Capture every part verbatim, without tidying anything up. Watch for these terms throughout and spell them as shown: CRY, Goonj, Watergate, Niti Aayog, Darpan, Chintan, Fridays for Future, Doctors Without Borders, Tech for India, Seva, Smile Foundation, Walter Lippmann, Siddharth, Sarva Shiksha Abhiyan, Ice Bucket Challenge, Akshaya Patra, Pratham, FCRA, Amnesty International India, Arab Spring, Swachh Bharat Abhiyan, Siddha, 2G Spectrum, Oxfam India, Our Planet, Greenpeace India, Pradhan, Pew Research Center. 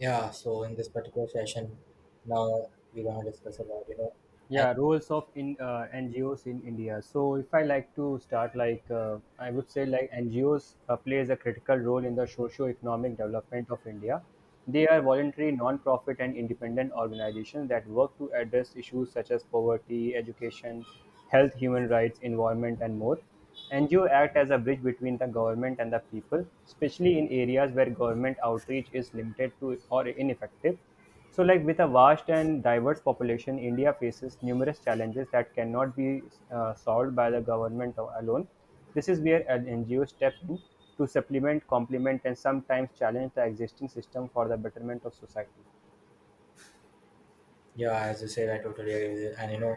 Yeah, so in this particular session, now we're gonna discuss about, you know, and Yeah roles of in uh, ngos in india so if I like to start, like uh, I would say like NGOs uh, plays a critical role in the socio-economic development of India. They are voluntary, non-profit, and independent organizations that work to address issues such as poverty, education, health, human rights, environment, and more. NGOs act as a bridge between the government and the people, especially in areas where government outreach is limited to or ineffective. So, like, with a vast and diverse population, India faces numerous challenges that cannot be uh, solved by the government a- alone. This is where an N G O step in to supplement, complement, and sometimes challenge the existing system for the betterment of society. yeah, as you said, I totally agree with you. And you know,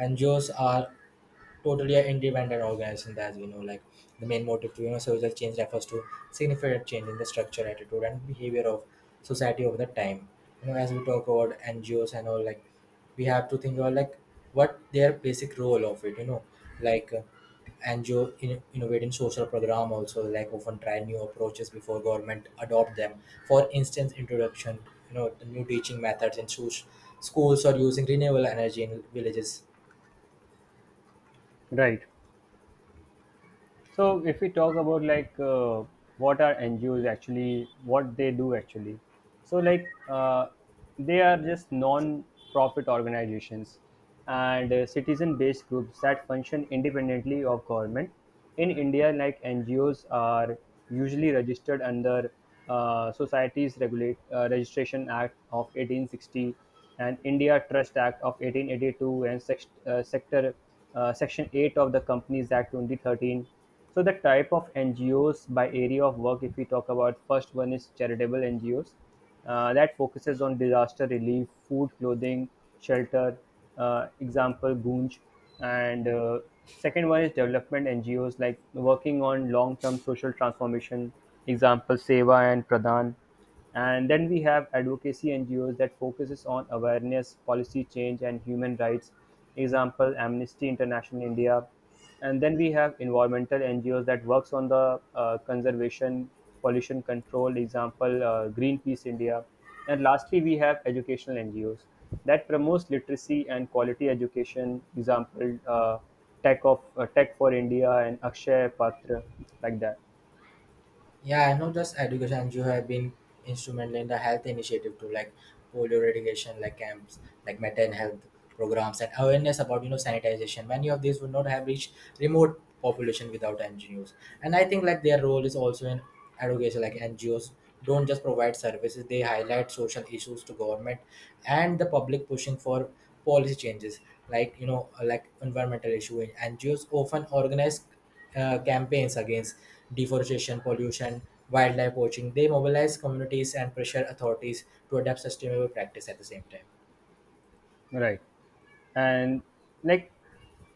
N G Os are totally an independent organization, as we know, like the main motive to you know social change refers to significant change in the structure, attitude, and behavior of society over the time. You know as we talk about ngos and all, like we have to think about like what their basic role of it. you know like uh, N G O in, innovate in social program also, like often try new approaches before government adopt them. For instance, introduction you know the new teaching methods in schools, schools or using renewable energy in villages. Right. So if we talk about like uh, what are N G Os actually what they do actually, so like uh, they are just non-profit organizations and uh, citizen-based groups that function independently of government. In India, like, N G Os are usually registered under uh, Societies Regulate uh, Registration Act of eighteen sixty and India Trust Act of eighteen eighty-two, and sect- uh, Sector uh, Section eight of the Companies Act twenty thirteen. So the type of N G Os by area of work, if we talk about, first one is charitable N G Os uh, that focuses on disaster relief, food, clothing, shelter. Uh, example, Goonj. And uh, Second one is development N G Os, like working on long-term social transformation. Example, Seva and Pradhan. And then we have advocacy N G Os that focuses on awareness, policy change, and human rights. Example: Amnesty International India. And then we have environmental N G Os that works on the uh, conservation, pollution control. Example: uh, Greenpeace India. And lastly, we have educational N G Os that promotes literacy and quality education. Example: uh, Tech of uh, Tech for India and Akshay Patra, like that. Yeah, I know just education. You have been instrumental in the health initiative too, like polio eradication, like camps, like mental health programs, and awareness about you know sanitization. Many of these would not have reached remote population without N G Os. And I think like their role is also in education. Like N G Os don't just provide services; they highlight social issues to government and the public, pushing for policy changes. Like you know, like environmental issue. N G Os often organize uh, campaigns against deforestation, pollution, wildlife poaching. They mobilize communities and pressure authorities to adapt sustainable practice at the same time. Right. and like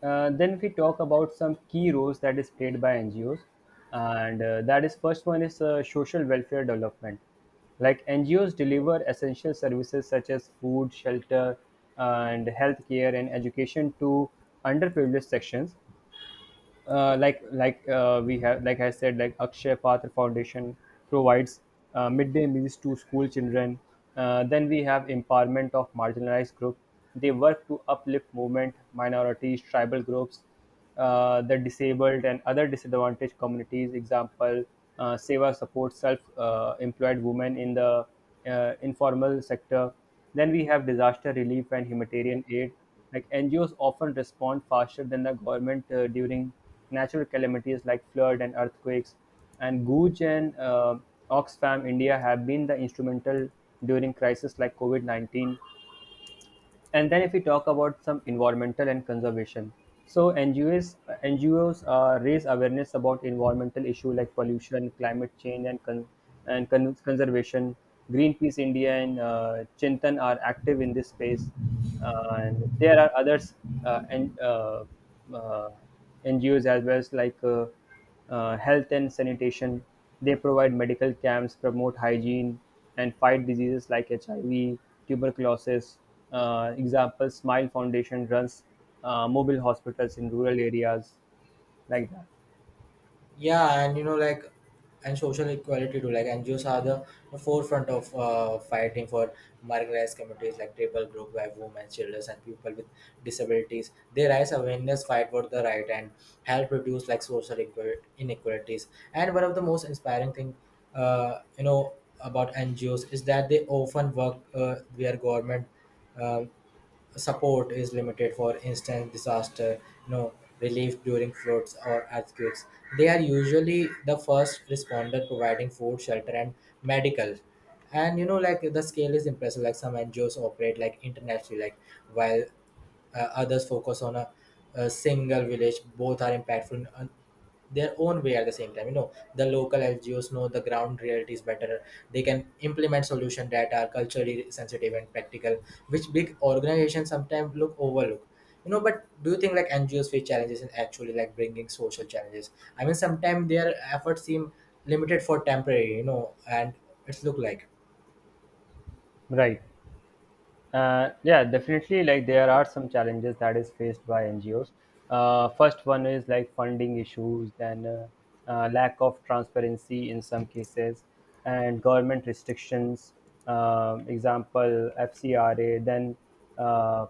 uh, Then if we talk about some key roles that is played by NGOs, and uh, that is, first one is uh, social welfare development. Like, NGOs deliver essential services such as food, shelter, and healthcare and education to underprivileged sections. Uh, like like uh, we have, like I said, like, Akshay Patra Foundation provides uh, midday meals to school children. Uh, then we have empowerment of marginalized group. They work to uplift movement, minorities, tribal groups, uh, the disabled and other disadvantaged communities. Example, uh, Seva supports self-employed women in the uh, informal sector. Then we have disaster relief and humanitarian aid. Like, N G Os often respond faster than the government uh, during natural calamities like floods and earthquakes, and Gooch and uh, Oxfam India have been the instrumental during crises like COVID nineteen. And then if we talk about some environmental and conservation, so ngos NGOs uh, raise awareness about environmental issue like pollution, climate change, and con- and con- conservation. Greenpeace India and uh, Chintan are active in this space. Uh, and there are others. Uh, and uh, uh, NGOs, as well as like uh, uh, health and sanitation. They provide medical camps, promote hygiene, and fight diseases like H I V, tuberculosis. Uh, example: Smile Foundation runs uh, mobile hospitals in rural areas, like that. Yeah, and you know like and social equality too, like ngos are the, the forefront of uh, fighting for marginalized communities, like tribal group by women, children, and people with disabilities. They raise awareness, fight for the right, and help reduce like social equa- inequalities. And one of the most inspiring thing, uh, you know about ngos, is that they often work uh, where government um support is limited. For instance, disaster you know relief during floods or earthquakes, they are usually the first responder providing food, shelter, and medical. And you know like the scale is impressive, like some ngos operate like internationally, like while uh, others focus on a, a single village. Both are impactful in uh, their own way at the same time. You know, the local ngos know the ground realities better. They can implement solutions that are culturally sensitive and practical, which big organizations sometimes look overlook, you know. But do you think like ngos face challenges in actually like bringing social challenges? I mean sometimes their efforts seem limited for temporary, you know and it's look like. Right. Uh, yeah, definitely. Like, there are some challenges that is faced by N G Os. Uh, first one is like funding issues, then uh, uh, lack of transparency in some cases, and government restrictions. Um, example, F C R A. then uh,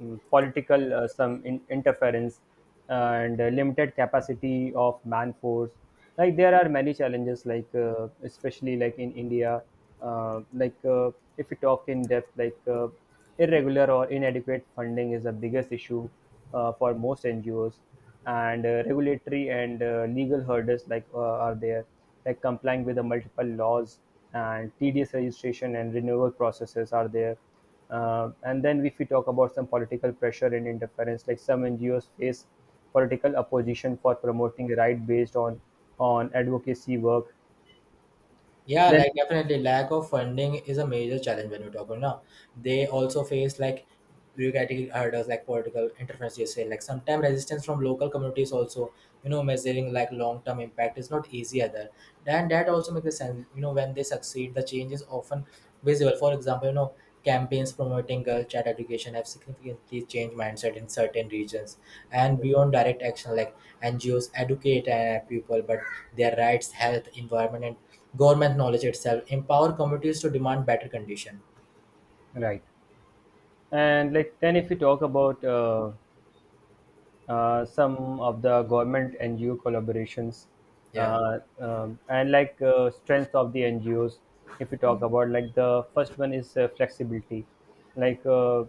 mm, Political uh, some in- interference, and uh, limited capacity of man force. Like, there are many challenges, like uh, especially like in India. uh, like uh, if we talk in depth, like uh, irregular or inadequate funding is the biggest issue uh, for most NGOs. And uh, Regulatory and uh, legal hurdles like uh, are there, like complying with the multiple laws, and tedious registration and renewal processes are there. Uh, and then, if we talk about some political pressure and interference, like, some N G Os face political opposition for promoting right based on on advocacy work. Yeah, Then like definitely lack of funding is a major challenge when we talk about now. They also face like bureaucratic hurdles, like political interference you say, like sometimes resistance from local communities also. You know measuring like long-term impact is not easy either, and that also makes a sense. You know when they succeed, the change is often visible. For example, you know campaigns promoting girl child education have significantly changed mindset in certain regions. And beyond direct action, like ngos educate uh, people but their rights, health, environment, and government knowledge itself empower communities to demand better condition. right, and like then if we talk about uh, uh, some of the government N G O collaborations, Yeah, uh, um, and like uh, strength of the N G Os, if we yeah. talk about, like the first one is uh, flexibility, like. Uh,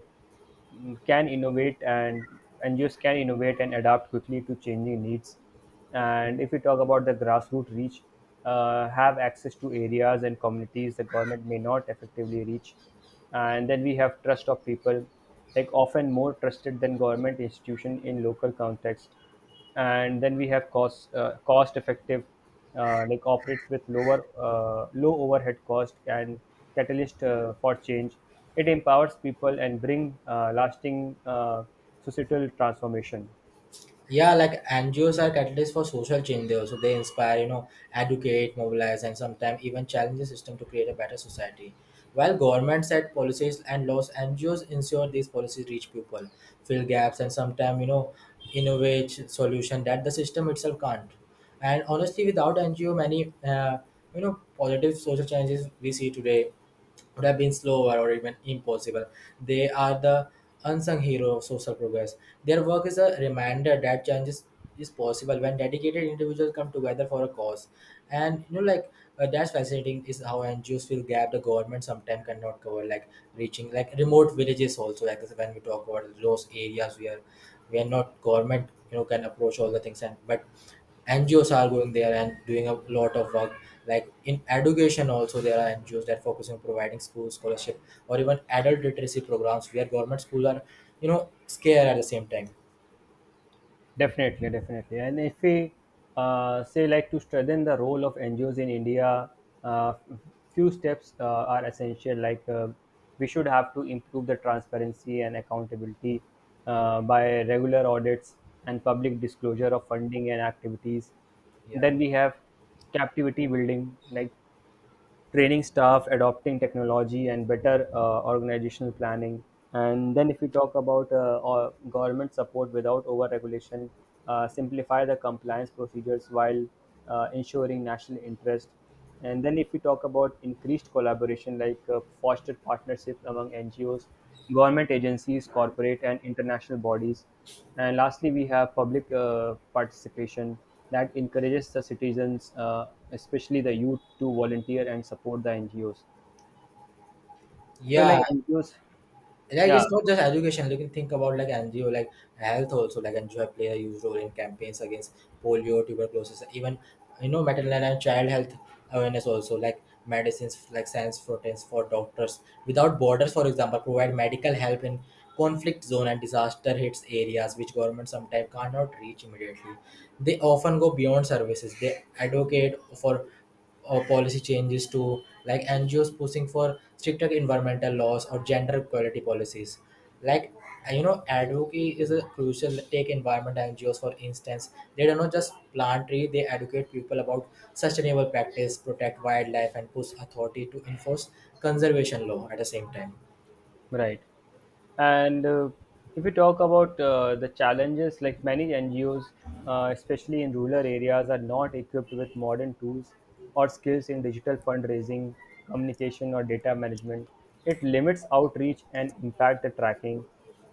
can innovate and N G Os can innovate and adapt quickly to changing needs. And if we talk about the grassroots reach, uh, have access to areas and communities the government may not effectively reach. And then we have trust of people, like, often more trusted than government institution in local context. And then we have cost uh, cost effective. Uh, like, operates with lower uh, low overhead cost, and catalyst uh, for change. It empowers people and bring uh, lasting uh, societal transformation. Yeah, like ngos are catalysts for social change. They also, they inspire, you know educate, mobilize, and sometimes even challenge the system to create a better society. While governments set policies and laws, ngos ensure these policies reach people, fill gaps, and sometimes, you know innovate solution that the system itself can't. And honestly, without ngo many uh, you know positive social changes we see today would have been slower or even impossible. They are the unsung hero of social progress. Their work is a reminder that change is, is possible when dedicated individuals come together for a cause. And you know, like uh, that's fascinating is how N G Os will gap the government sometimes cannot cover, like reaching like remote villages also. Like when we talk about those areas where where not government, you know, can approach all the things, and but N G Os are going there and doing a lot of work. Like in education, also there are N G Os that focus on providing school scholarship or even adult literacy programs where government schools are, you know, scared at the same time. Definitely, definitely. And if we uh, say, like, to strengthen the role of N G Os in India, uh, few steps uh, are essential. Like uh, we should have to improve the transparency and accountability uh, by regular audits and public disclosure of funding and activities. Yeah, Then we have captivity building, like training staff, adopting technology, and better uh, organizational planning. And then, if we talk about uh, or government support without overregulation, uh, simplify the compliance procedures while uh, ensuring national interest. And then, if we talk about increased collaboration, like uh, foster partnerships among N G Os, government agencies, corporate, and international bodies. And lastly, we have public uh, participation that encourages the citizens, uh, especially the youth, to volunteer and support the N G Os. So, like, yeah. N G Os, Like yeah, it's not just education you can think about, like ngo, like health also, like ngo have played a huge role in campaigns against polio, tuberculosis, even, you know, maternal and child health awareness also, like medicines, like science proteins for doctors without borders, for example, provide medical help in conflict zone and disaster hits areas which government sometimes cannot reach immediately. They often go beyond services, they advocate for or policy changes to, like N G Os pushing for stricter environmental laws or gender equality policies. Like, uh, you know, advocacy is a crucial. Take environment N G Os for instance, they do not just plant tree; they educate people about sustainable practice, protect wildlife, and push authority to enforce conservation law at the same time. right. And uh, if we talk about uh, the challenges, like, many N G Os, uh, especially in rural areas, are not equipped with modern tools or skills in digital fundraising, communication, or data management. It limits outreach and impact the tracking.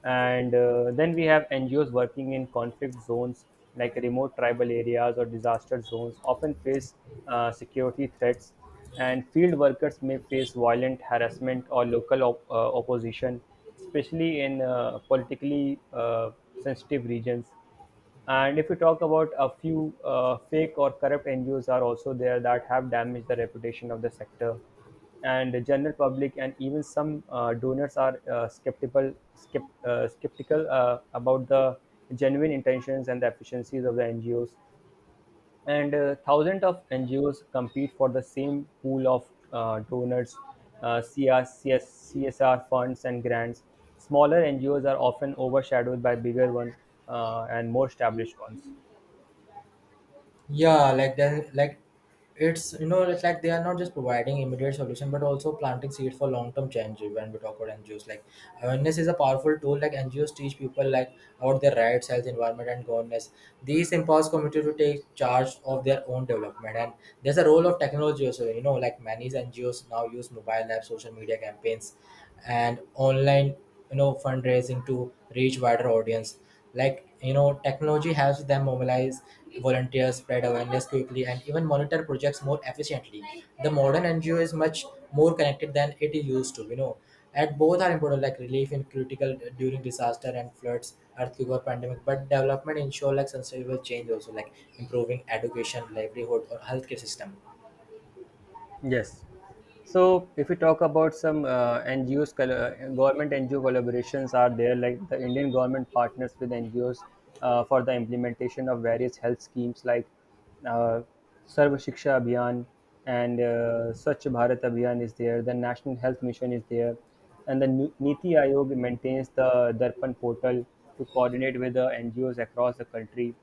And uh, then we have N G Os working in conflict zones like remote tribal areas or disaster zones, often face uh, security threats, and field workers may face violent harassment or local op- uh, opposition, especially in uh, politically uh, sensitive regions. And if we talk about, a few uh, fake or corrupt N G Os are also there that have damaged the reputation of the sector, and the general public and even some uh, donors are uh, skeptical skep- uh, skeptical uh, about the genuine intentions and the efficiencies of the N G Os. And uh, Thousands of N G Os compete for the same pool of uh, donors, uh, C R, C S R funds, and grants. Smaller N G Os are often overshadowed by bigger ones uh, and more established ones. Yeah, like then like it's, you know, it's like they are not just providing immediate solution but also planting seeds for long term change when we talk about N G Os. Like awareness is a powerful tool, like N G Os teach people like about their rights, health, environment, and governance. These empowers community to take charge of their own development. And there's a role of technology also, you know, like many N G Os now use mobile apps, social media campaigns, and online, you know, fundraising to reach wider audience. Like, you know, technology helps them mobilize volunteers, spread awareness quickly, and even monitor projects more efficiently. The modern N G O is much more connected than it used to, you know. And both are important, like relief in critical uh, during disaster and floods, earthquake, or pandemic. But development ensure like sustainable change also, like improving education, livelihood, or healthcare system. Yes. So if we talk about some uh, N G Os, col- uh, government N G O collaborations are there, like the Indian government partners with N G Os uh, for the implementation of various health schemes like uh, Sarva Shiksha Abhiyan and uh, Swachh Bharat Abhiyan is there, the National Health Mission is there, and the Ni- Niti Aayog maintains the Darpan portal to coordinate with the N G Os across the country.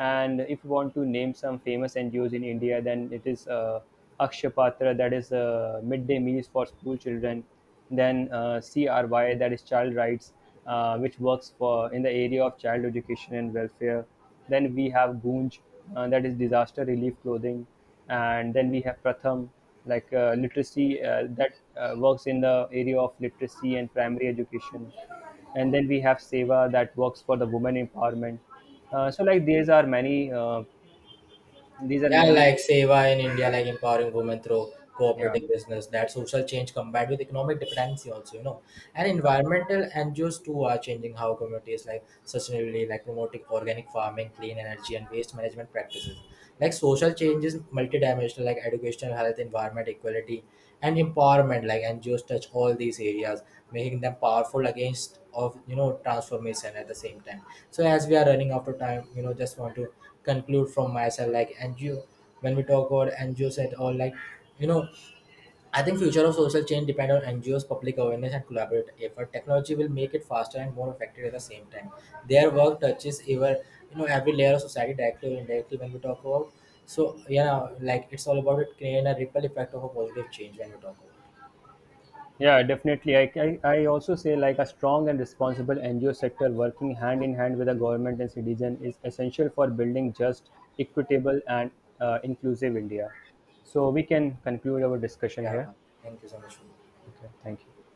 And if you want to name some famous N G Os in India, then it is uh, Akshaya Patra, that is uh, midday meals for school children. Then uh, CRY, that is Child Rights, uh, which works for in the area of child education and welfare. Then we have Goonj, uh, that is disaster relief clothing. And then we have Pratham, like uh, literacy uh, that uh, works in the area of literacy and primary education. And then we have Seva that works for the women empowerment. Uh, so, like, these are many uh, these are Yeah, many. like Seva in India, like empowering women through yeah cooperating business, that social change combined with economic dependency also, you know. And yeah, environmental N G Os too are changing how communities like sustainability, like promoting organic farming, clean energy, and waste management practices. Like social changes multidimensional, like educational, health, environment, equality, and empowerment. Like N G Os touch all these areas, making them powerful against of, you know transformation at the same time. So as we are running out of time, you know, just want to conclude from myself, like ngo when we talk about ngos at all, like, you know I think future of social change depend on ngos, public awareness, and collaborative effort. Technology will make it faster and more effective at the same time. Their work touches ever you know every layer of society, directly or indirectly, when we talk about. So yeah, like it's all about it creating a ripple effect of a positive change when we talk about it. yeah, definitely. I, I i also say, like, a strong and responsible NGO sector working hand in hand with the government and citizen is essential for building just, equitable, and uh, inclusive India. So we can conclude our discussion Yeah, here. thank you so much for Okay, thank you.